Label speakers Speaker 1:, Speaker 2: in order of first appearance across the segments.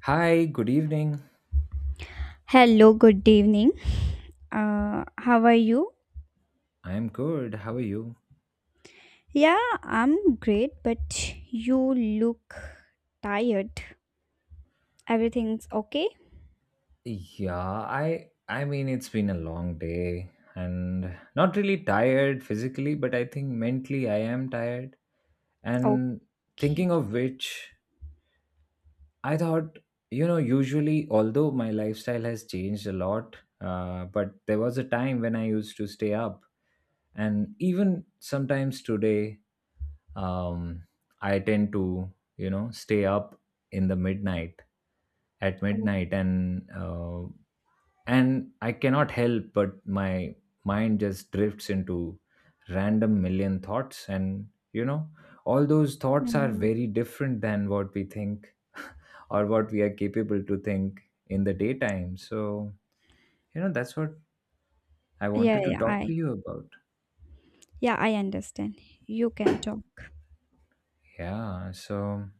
Speaker 1: Hi, good evening.
Speaker 2: Hello, good evening. How are you?
Speaker 1: I'm good. How are you?
Speaker 2: Yeah, I'm great, but you look tired. Everything's okay?
Speaker 1: Yeah, I mean it's been a long day and not really tired physically, but I think mentally I am tired. And
Speaker 2: Okay.
Speaker 1: thinking of which, I thought, you know, usually although my lifestyle has changed a lot, but there was a time when I used to stay up and even sometimes today, um, I tend to, you know, stay up in the midnight at
Speaker 2: Oh.
Speaker 1: midnight and and I cannot help but my mind just drifts into random million thoughts, and you know all those thoughts are
Speaker 2: Mhm.
Speaker 1: very different than what we think or what we are capable to think in the daytime. So you know that's what I
Speaker 2: Yeah,
Speaker 1: wanted to
Speaker 2: yeah,
Speaker 1: talk to
Speaker 2: I
Speaker 1: you about.
Speaker 2: yeah, I understand. You can talk.
Speaker 1: Yeah, so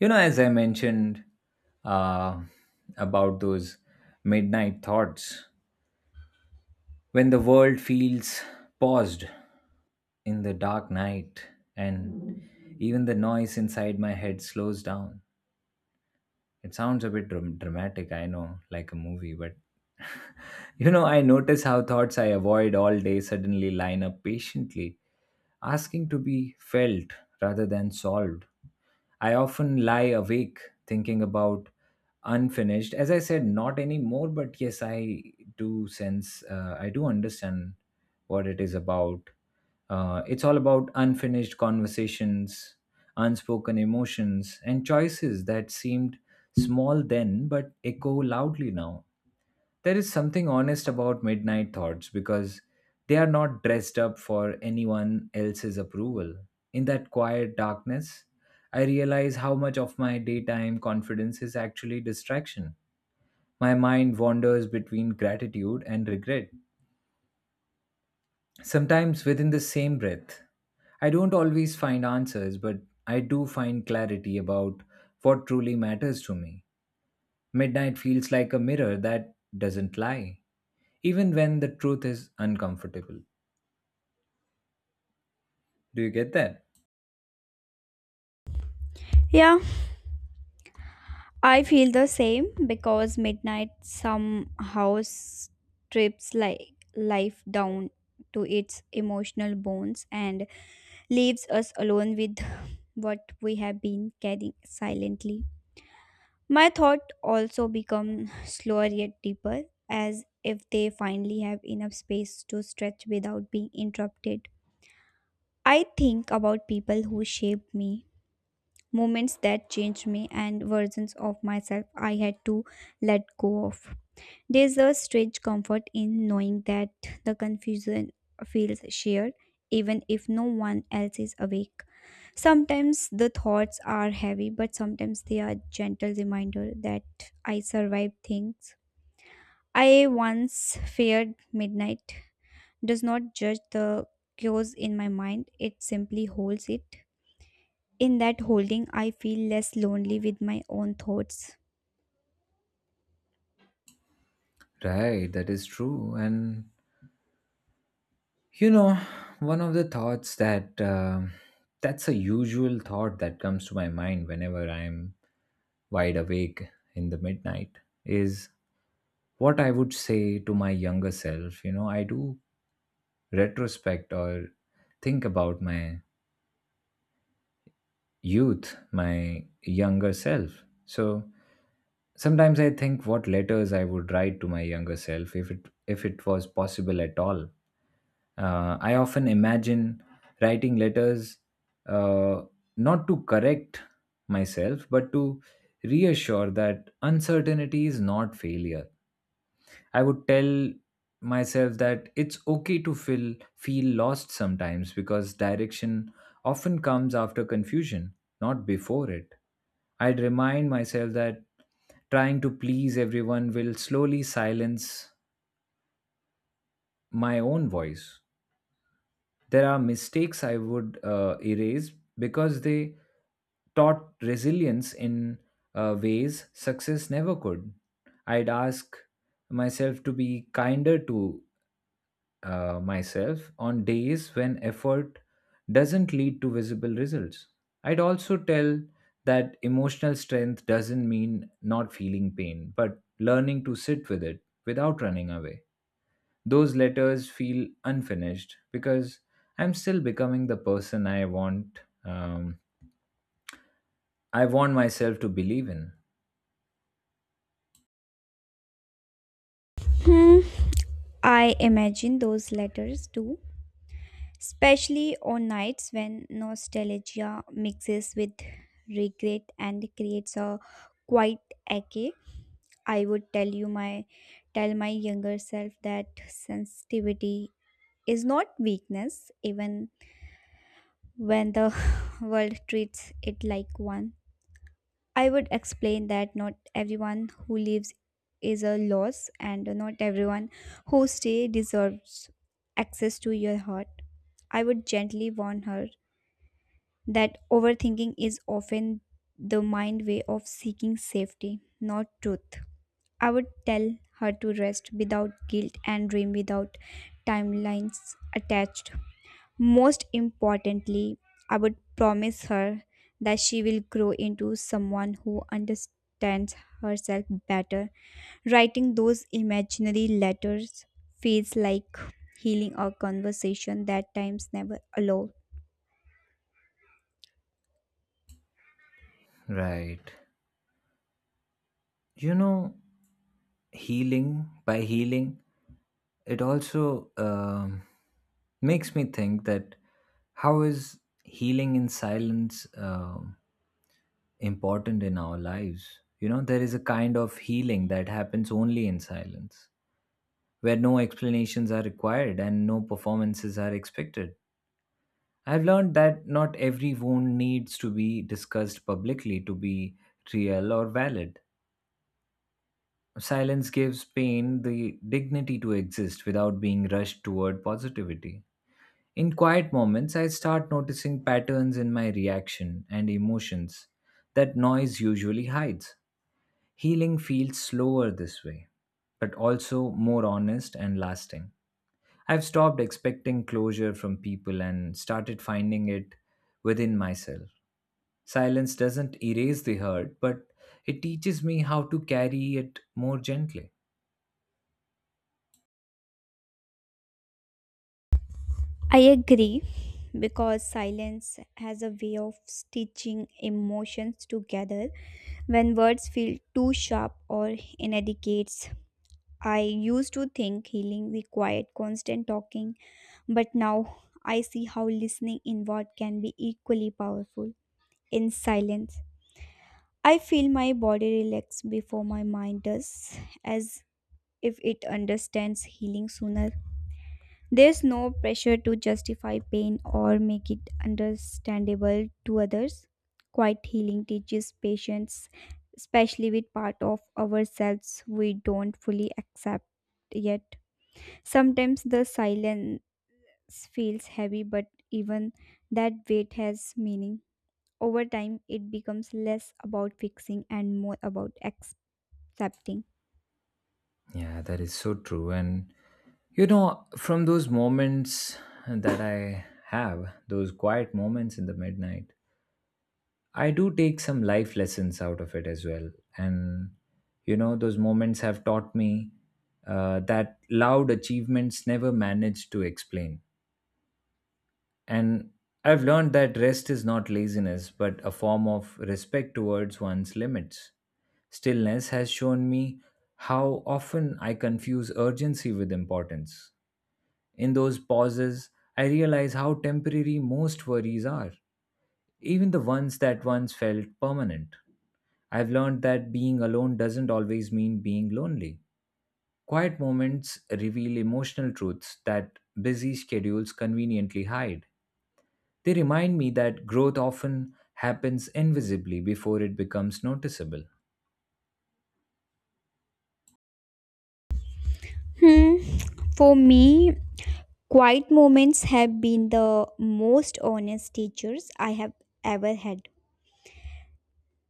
Speaker 1: you know as I mentioned, uh, about those midnight thoughts when the world feels paused in the dark night and even the noise inside my head slows down. It sounds a bit dramatic, I know, like a movie, but you know I notice how thoughts I avoid all day suddenly line up patiently, asking to be felt rather than solved. I often lie awake thinking about unfinished. As I said, not anymore, but yes, I do sense, I do understand what it is about. It's all about unfinished conversations, unspoken emotions, and choices that seemed small then but echo loudly now. There is something honest about midnight thoughts because they are not dressed up for anyone else's approval. In that quiet darkness, I realize how much of my daytime confidence is actually distraction. My mind wanders between gratitude and regret, sometimes within the same breath. I don't always find answers, but I do find clarity about what truly matters to me. Midnight feels like a mirror that doesn't lie, even when the truth is uncomfortable. Do you get that?
Speaker 2: Yeah, I feel the same because midnight somehow strips like life down to its emotional bones and leaves us alone with what we have been carrying silently. My thought also become slower yet deeper, as if they finally have enough space to stretch without being interrupted. I think about people who shaped me, moments that changed me, and versions of myself I had to let go of. There's a strange comfort in knowing that the confusion feels shared, even if no one else is awake. Sometimes the thoughts are heavy, but sometimes they are gentle reminder that I survived things. I once feared midnight does not judge the chaos in my mind, it simply holds it. In that holding, I feel less lonely with my own thoughts.
Speaker 1: Right, that is true. And you know, one of the thoughts that that's a usual thought that comes to my mind whenever I'm wide awake in the midnight is what I would say to my younger self. You know, I do retrospect or think about my youth, my younger self. So sometimes I think what letters I would write to my younger self if it was possible at all. I often imagine writing letters, uh, not to correct myself, but to reassure that uncertainty is not failure. I would tell myself that it's okay to feel lost sometimes because direction often comes after confusion, not before it. I'd remind myself that trying to please everyone will slowly silence my own voice. There are mistakes I would erase because they taught resilience in ways success never could. I'd ask myself to be kinder to myself on days when effort doesn't lead to visible results. I'd also tell that emotional strength doesn't mean not feeling pain, but learning to sit with it without running away. Those letters feel unfinished because I'm still becoming the person I want. I want myself to believe in.
Speaker 2: Hmm. I imagine those letters too, especially on nights when nostalgia mixes with regret and creates a quiet ache. I would tell my younger self that sensitivity is not weakness even when the world treats it like one. I would explain that not everyone who leaves is a loss and not everyone who stays deserves access to your heart. I would gently warn her that overthinking is often the mind way of seeking safety, not truth. I would tell her to rest without guilt and dream without timelines attached. Most importantly, I would promise her that she will grow into someone who understands herself better. Writing those imaginary letters feels like healing a conversation that times never allowed.
Speaker 1: Right. You know, healing by healing it also makes me think that how is healing in silence important in our lives. You know there is a kind of healing that happens only in silence, where no explanations are required and no performances are expected. I've learned that not every wound needs to be discussed publicly to be real or valid. Silence gives pain the dignity to exist without being rushed toward positivity. In quiet moments, I start noticing patterns in my reaction and emotions that noise usually hides. Healing feels slower this way, but also more honest and lasting. I've stopped expecting closure from people and started finding it within myself. Silence doesn't erase the hurt, but it teaches me how to carry it more gently.
Speaker 2: I agree because silence has a way of stitching emotions together. When words feel too sharp or inadequate, I used to think healing required constant talking, but now I see how listening inward can be equally powerful. In silence, I feel my body relax before my mind does, as if it understands healing sooner. There's no pressure to justify pain or make it understandable to others. Quiet healing teaches patience, especially with part of ourselves we don't fully accept yet. Sometimes the silence feels heavy, but even that weight has meaning. Over time, it becomes less about fixing and more about accepting.
Speaker 1: Yeah, that is so true. And you know, from those moments that I have, those quiet moments in the midnight, I do take some life lessons out of it as well. And you know, those moments have taught me that loud achievements never manage to explain. And I've learned that rest is not laziness, but a form of respect towards one's limits. Stillness has shown me how often I confuse urgency with importance. In those pauses, I realize how temporary most worries are, even the ones that once felt permanent. I've learned that being alone doesn't always mean being lonely. Quiet moments reveal emotional truths that busy schedules conveniently hide. They remind me that growth often happens invisibly before it becomes noticeable.
Speaker 2: Hmm. For me, quiet moments have been the most honest teachers I have ever had.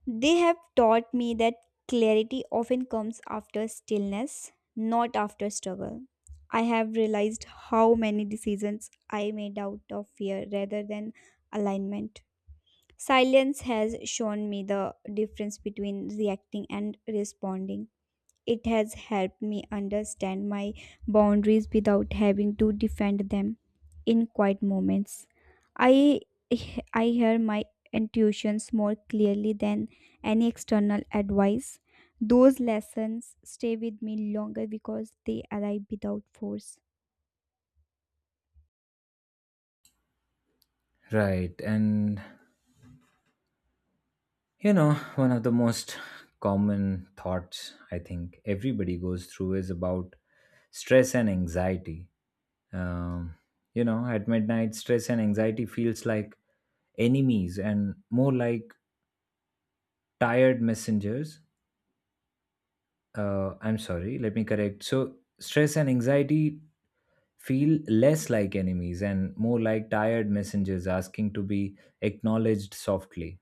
Speaker 2: They have taught me that clarity often comes after stillness, not after struggle. I have realized how many decisions I made out of fear rather than alignment. Silence has shown me the difference between reacting and responding. It has helped me understand my boundaries without having to defend them in quiet moments. I I hear my intuitions more clearly than any external advice. Those lessons stay with me longer because they arrive without force.
Speaker 1: Right. And you know, one of the most common thoughts I think everybody goes through is about stress and anxiety. Um, you know, at midnight, stress and anxiety feels like enemies and more like tired messengers. I'm sorry, let me correct. So, stress and anxiety feel less like enemies and more like tired messengers asking to be acknowledged softly.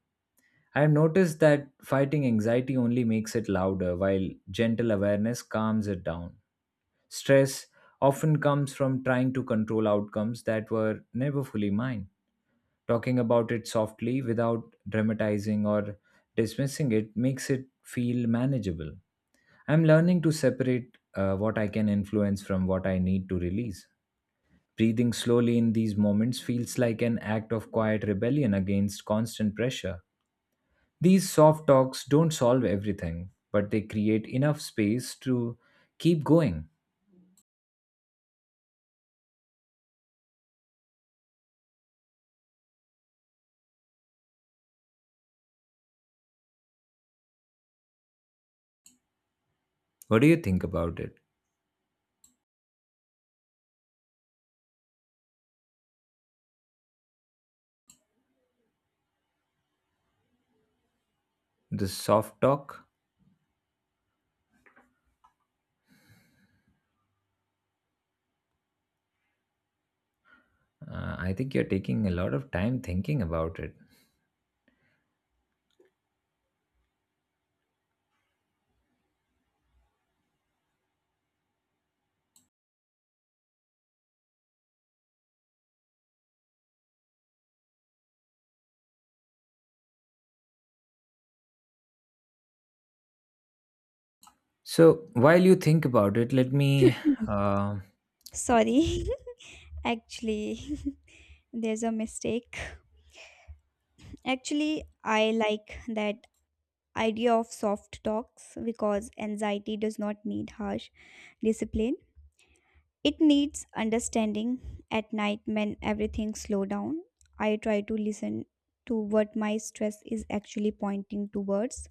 Speaker 1: I have noticed that fighting anxiety only makes it louder, while gentle awareness calms it down. Stress often comes from trying to control outcomes that were never fully mine. Talking about it softly without dramatizing or dismissing it makes it feel manageable. I'm learning to separate, what I can influence from what I need to release. Breathing slowly in these moments feels like an act of quiet rebellion against constant pressure. These soft talks don't solve everything, but they create enough space to keep going. What do you think about it? The soft talk? I think you're taking a lot of time thinking about it. So while you think about it, let me. Uh,
Speaker 2: Sorry, actually, there's a mistake. Actually, I like that idea of soft talks because anxiety does not need harsh discipline. It needs understanding. At night, when everything slow down, I try to listen to what my stress is actually pointing towards.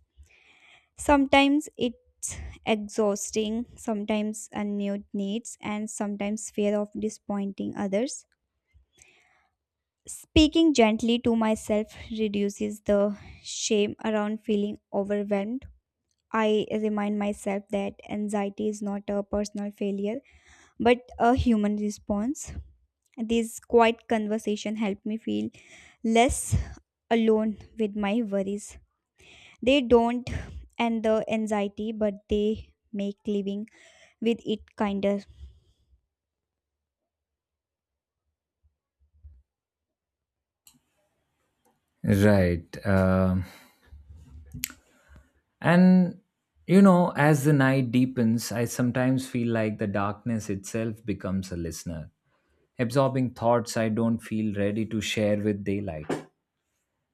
Speaker 2: Sometimes it's exhausting, sometimes unmet needs, and sometimes fear of disappointing others. Speaking gently to myself reduces the shame around feeling overwhelmed. I remind myself that anxiety is not a personal failure but a human response. These quiet conversation help me feel less alone with my worries. They don't end the anxiety, but they make living with it kinder.
Speaker 1: right. And you know, as the night deepens, I sometimes feel like the darkness itself becomes a listener, absorbing thoughts I don't feel ready to share with daylight.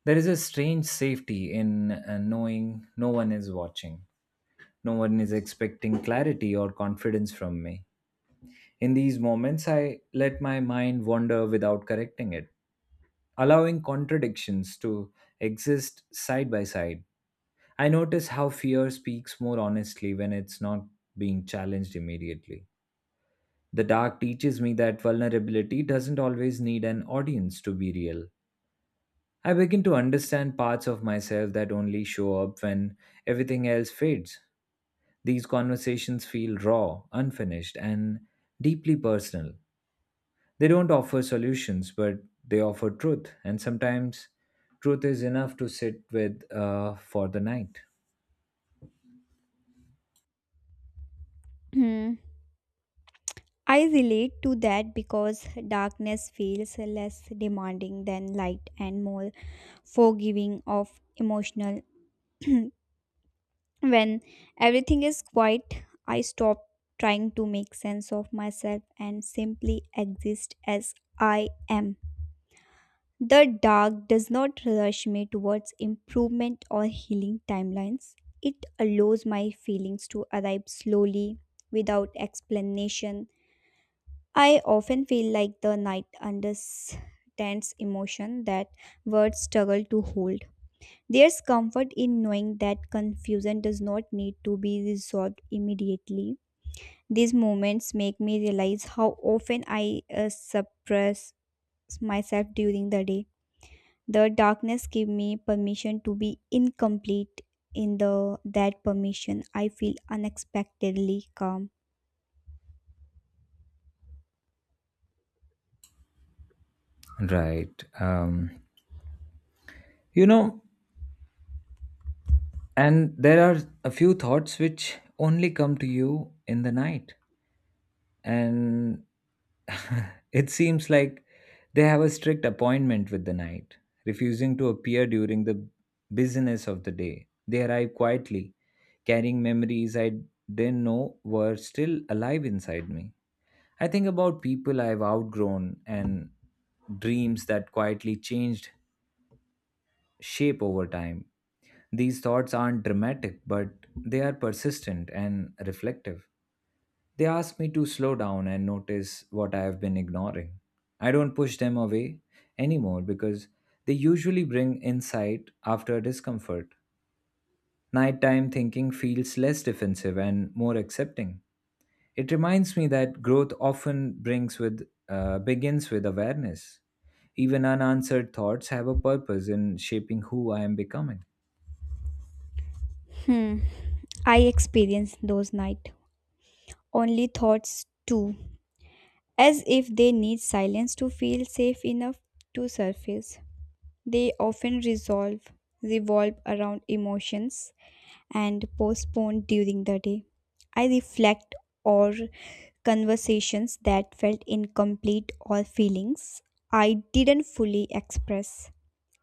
Speaker 1: There is a strange safety in, knowing no one is watching. No one is expecting clarity or confidence from me. In these moments, I let my mind wander without correcting it, allowing contradictions to exist side by side. I notice how fear speaks more honestly when it's not being challenged immediately. The dark teaches me that vulnerability doesn't always need an audience to be real. I begin to understand parts of myself that only show up when everything else fades. These conversations feel raw, unfinished, and deeply personal. They don't offer solutions, but they offer truth, and sometimes truth is enough to sit with, for the night.
Speaker 2: Hmm. I relate to that because darkness feels less demanding than light and more forgiving of emotional. When everything is quiet, I stop trying to make sense of myself and simply exist as I am. The dark does not rush me towards improvement or healing timelines. It allows my feelings to arrive slowly without explanation. I often feel like the night understands emotion that words struggle to hold. There's comfort in knowing that confusion does not need to be resolved immediately. These moments make me realize how often I suppress myself during the day. The darkness gave me permission to be incomplete. In the that permission, I feel unexpectedly calm.
Speaker 1: Right. You know, and there are a few thoughts which only come to you in the night, and it seems like they have a strict appointment with the night, refusing to appear during the business of the day. They arrive quietly, carrying memories I didn't know were still alive inside me. I think about people I've outgrown and dreams that quietly changed shape over time. These thoughts aren't dramatic, but they are persistent and reflective. They ask me to slow down and notice what I have been ignoring. I don't push them away anymore because they usually bring insight after discomfort. Nighttime thinking feels less defensive and more accepting. It reminds me that growth often brings with begins with awareness. Even unanswered thoughts have a purpose in shaping who I am becoming.
Speaker 2: Hmm, I experienced those night only thoughts too, as if they need silence to feel safe enough to surface. They often resolve revolve around emotions and postponed during the day. I reflect or conversations that felt incomplete or feelings I didn't fully express.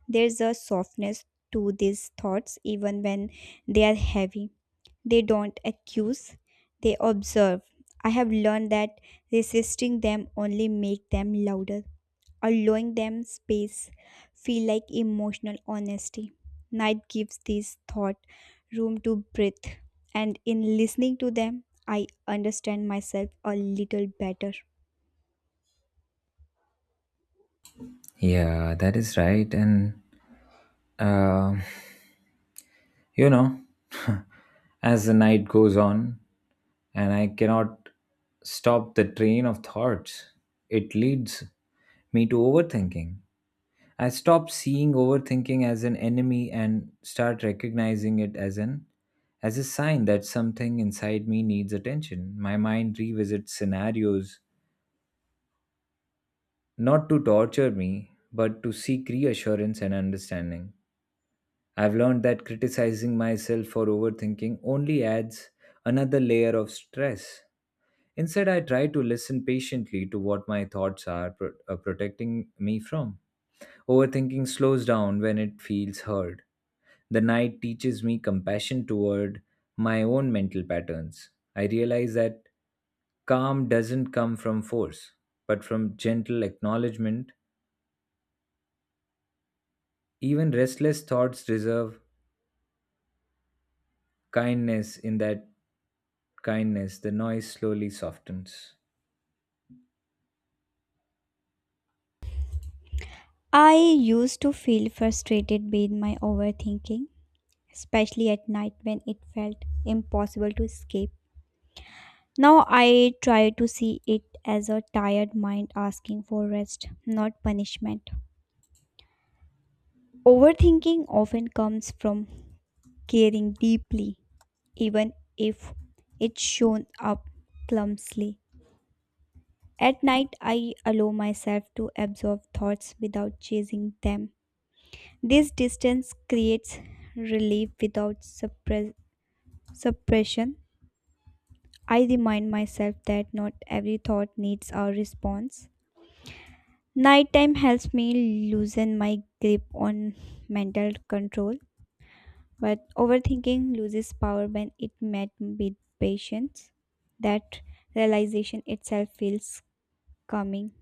Speaker 2: There's a softness to these thoughts even when they are heavy. They don't accuse, they observe. I have learned that resisting them only make them louder. Allowing them space feel like emotional honesty. Night gives this thought room to breathe, and in listening to them, I understand myself a little better.
Speaker 1: Yeah, that is right. And, uh, you know, as the night goes on, and I cannot stop the train of thoughts. It leads me to overthinking. I stop seeing overthinking as an enemy and start recognizing it as a sign that something inside me needs attention. My mind revisits scenarios not to torture me, but to seek reassurance and understanding. I've learned that criticizing myself for overthinking only adds another layer of stress. Instead, I try to listen patiently to what my thoughts are protecting me from. Overthinking slows down when it feels heard. The night teaches me compassion toward my own mental patterns. I realize that calm doesn't come from force, but from gentle acknowledgement. Even restless thoughts deserve kindness. In that kindness, the noise slowly softens.
Speaker 2: I used to feel frustrated with my overthinking, especially at night when it felt impossible to escape. Now I try to see it as a tired mind asking for rest, not punishment. Overthinking often comes from caring deeply even if it shown up clumsily. At night, I allow myself to absorb thoughts without chasing them. This distance creates relief without suppression. I remind myself that not every thought needs a response. Nighttime helps me loosen my grip on mental control, but overthinking loses power when it met with patience. That realization itself feels coming.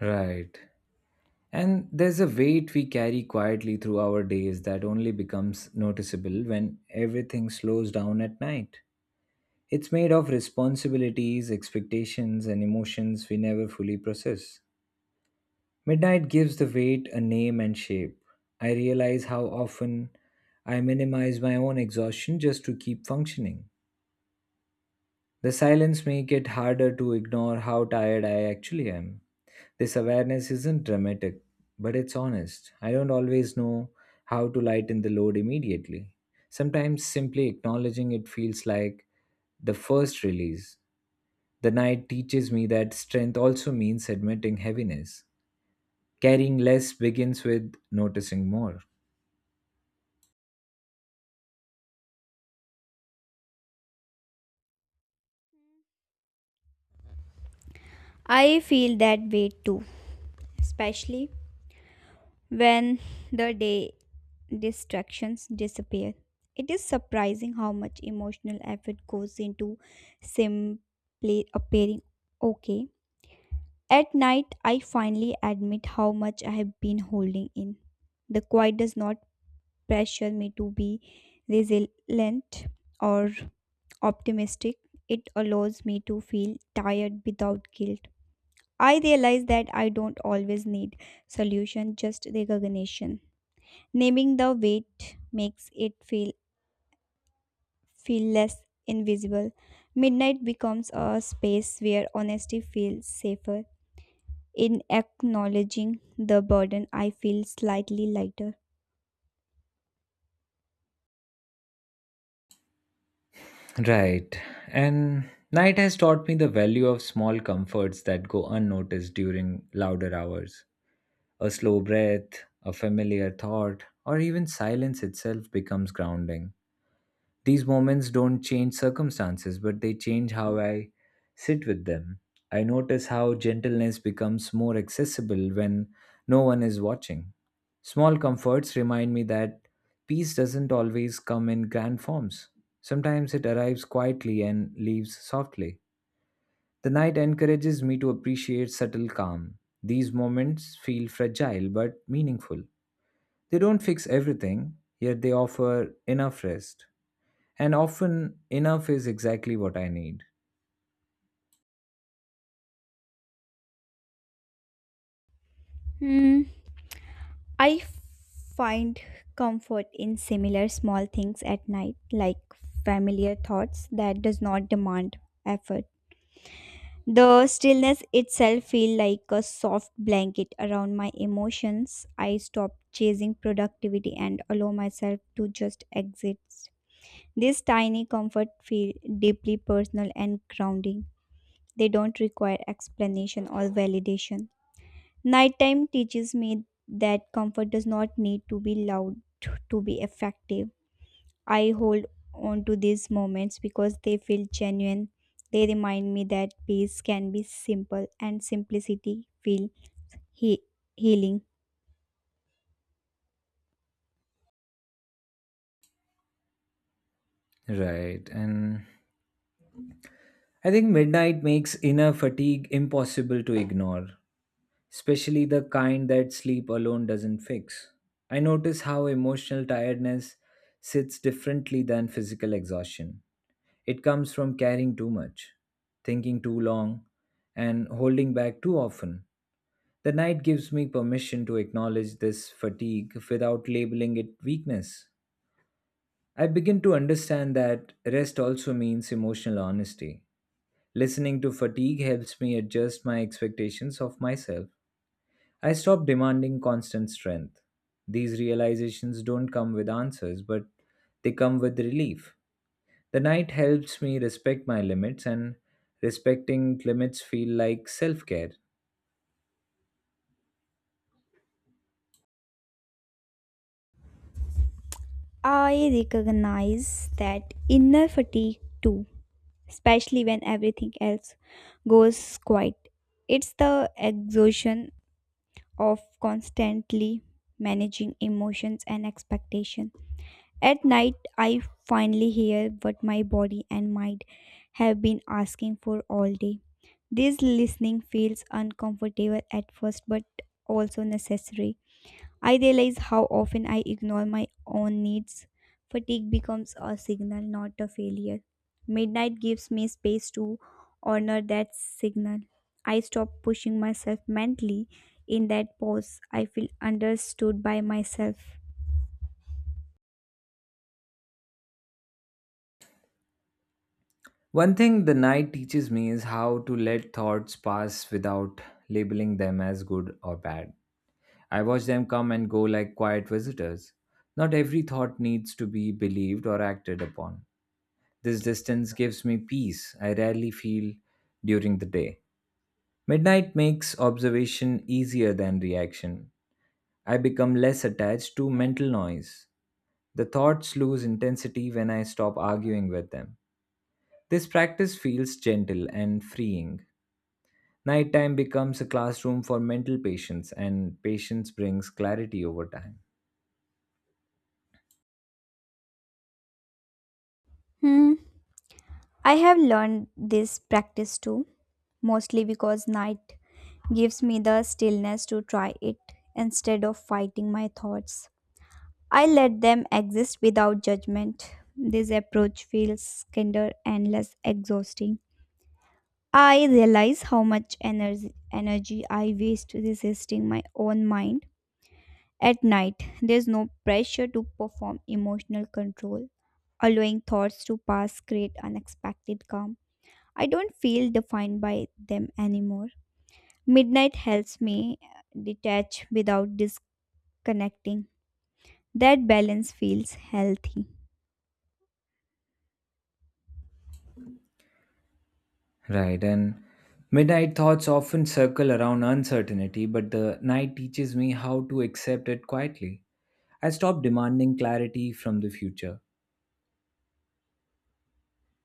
Speaker 1: Right. And there's a weight we carry quietly through our days that only becomes noticeable when everything slows down at night. It's made of responsibilities, expectations, and emotions we never fully process. Midnight gives the weight a name and shape. I realize how often I minimize my own exhaustion just to keep functioning. The silence make it harder to ignore how tired I actually am. This awareness isn't dramatic, but it's honest. I don't always know how to lighten the load immediately. Sometimes simply acknowledging it feels like the first release. The night teaches me that strength also means admitting heaviness. Carrying less begins with noticing more.
Speaker 2: I feel that way too, especially when the day distractions disappear. It is surprising how much emotional effort goes into simply appearing okay. At night, I finally admit how much I have been holding in. The quiet does not pressure me to be resilient or optimistic. It allows me to feel tired without guilt. I realize that I don't always need solution, just recognition. Naming the weight makes it feel less invisible. Midnight becomes a space where honesty feels safer. In acknowledging the burden, I feel slightly lighter.
Speaker 1: Right. And night has taught me the value of small comforts that go unnoticed during louder hours. A slow breath, a familiar thought, or even silence itself becomes grounding. These moments don't change circumstances, but they change how I sit with them. I notice how gentleness becomes more accessible when no one is watching. Small comforts remind me that peace doesn't always come in grand forms. Sometimes it arrives quietly and leaves softly. The night encourages me to appreciate subtle calm. These moments feel fragile but meaningful. They don't fix everything, yet they offer enough rest. And often, enough is exactly what I need.
Speaker 2: Hmm. I find comfort in similar small things at night, like familiar thoughts that does not demand effort. The stillness itself feel like a soft blanket around my emotions. I stop chasing productivity and allow myself to just exist. This tiny comfort feel deeply personal and grounding. They don't require explanation or validation. Nighttime teaches me that comfort does not need to be loud to be effective. I hold on to these moments because they feel genuine. They remind me that peace can be simple and simplicity feel he- healing.
Speaker 1: Right. And I think midnight makes inner fatigue impossible to ignore, especially the kind that sleep alone doesn't fix. I notice how emotional tiredness sits differently than physical exhaustion. It comes from carrying too much, thinking too long, and holding back too often. The night gives me permission to acknowledge this fatigue without labeling it weakness. I begin to understand that rest also means emotional honesty. Listening to fatigue helps me adjust my expectations of myself. I stop demanding constant strength. These realizations don't come with answers, but they come with relief. The night helps me respect my limits, and respecting limits feel like self care.
Speaker 2: I recognize that inner fatigue too, especially when everything else goes quiet. It's the exhaustion of constantly managing emotions and expectation. At night, I finally hear what my body and mind have been asking for all day. This listening feels uncomfortable at first, but also necessary. I realize how often I ignore my own needs. Fatigue becomes a signal, not a failure. Midnight gives me space to honor that signal. I stop pushing myself mentally. In that pause, I feel understood by myself.
Speaker 1: One thing the night teaches me is how to let thoughts pass without labeling them as good or bad. I watch them come and go like quiet visitors. Not every thought needs to be believed or acted upon. This distance gives me peace I rarely feel during the day. Midnight makes observation easier than reaction. I become less attached to mental noise. The thoughts lose intensity when I stop arguing with them. This practice feels gentle and freeing. Nighttime becomes a classroom for mental patience, and patience brings clarity over time.
Speaker 2: Hmm. I have learned this practice too, mostly because night gives me the stillness to try it. Instead of fighting my thoughts, I let them exist without judgment. This approach feels kinder and less exhausting. I realize how much energy I waste resisting my own mind. At night, there's no pressure to perform emotional control. Allowing thoughts to pass create unexpected calm. I don't feel defined by them anymore. Midnight helps me detach without disconnecting. That balance feels healthy.
Speaker 1: Right, and midnight thoughts often circle around uncertainty, but the night teaches me how to accept it quietly. I stop demanding clarity from the future.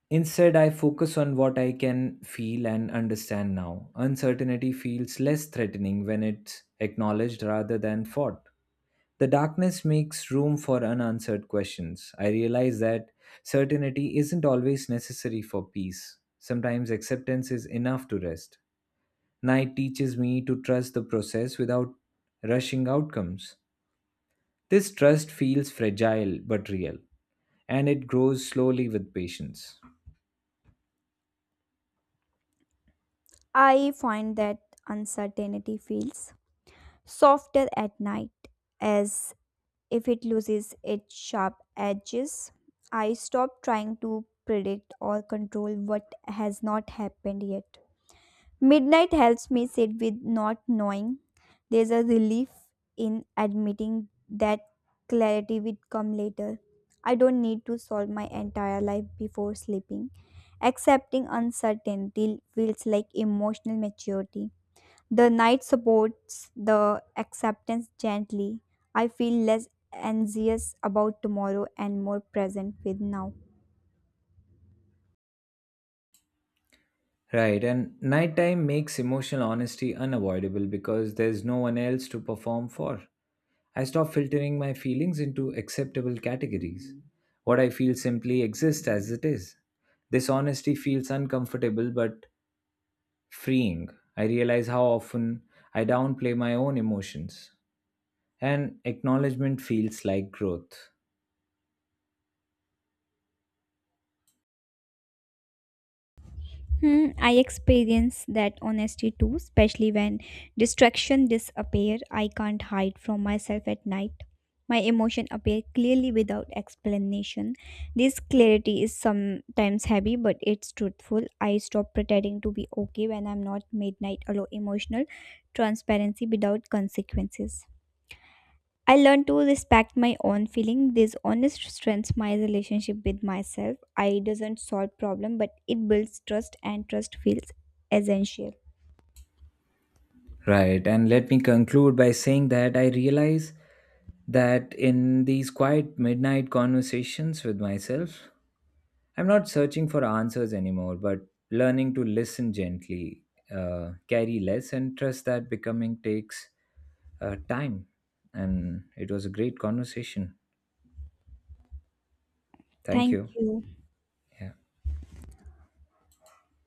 Speaker 1: Instead, I focus on what I can feel and understand now. Uncertainty feels less threatening when it's acknowledged rather than fought. The darkness makes room for unanswered questions. I realize that certainty isn't always necessary for peace. Sometimes acceptance is enough to rest. Night teaches me to trust the process without rushing outcomes. This trust feels fragile but real, and it grows slowly with patience.
Speaker 2: I find that uncertainty feels softer at night, as if it loses its sharp edges. I stop trying to predict or control what has not happened yet. Midnight helps me sit with not knowing. There's a relief in admitting that clarity will come later. I don't need to solve my entire life before sleeping. Accepting uncertainty feels like emotional maturity. The night supports the acceptance gently. I feel less anxious about tomorrow and more present with now.
Speaker 1: Right, and nighttime makes emotional honesty unavoidable because there's no one else to perform for. I stop filtering my feelings into acceptable categories. What I feel simply exists as it is. This honesty feels uncomfortable but freeing. I realize how often I downplay my own emotions. And acknowledgement feels like growth.
Speaker 2: Hmm, I experience that honesty too, especially when distraction disappear. I can't hide from myself at night. My emotion appear clearly without explanation. This clarity is sometimes heavy, but it's truthful. I stop pretending to be okay when I'm not. Midnight allow emotional transparency without consequences. I learned to respect my own feeling. This honest strengthens my relationship with myself. I doesn't solve problem, but it builds trust, and trust feels essential.
Speaker 1: Right, and let me conclude by saying that I realize that in these quiet midnight conversations with myself, I'm not searching for answers anymore, but learning to listen gently, carry less, and trust that becoming takes, time. And it was a great conversation. Thank
Speaker 2: Thank
Speaker 1: you.
Speaker 2: you.
Speaker 1: Yeah.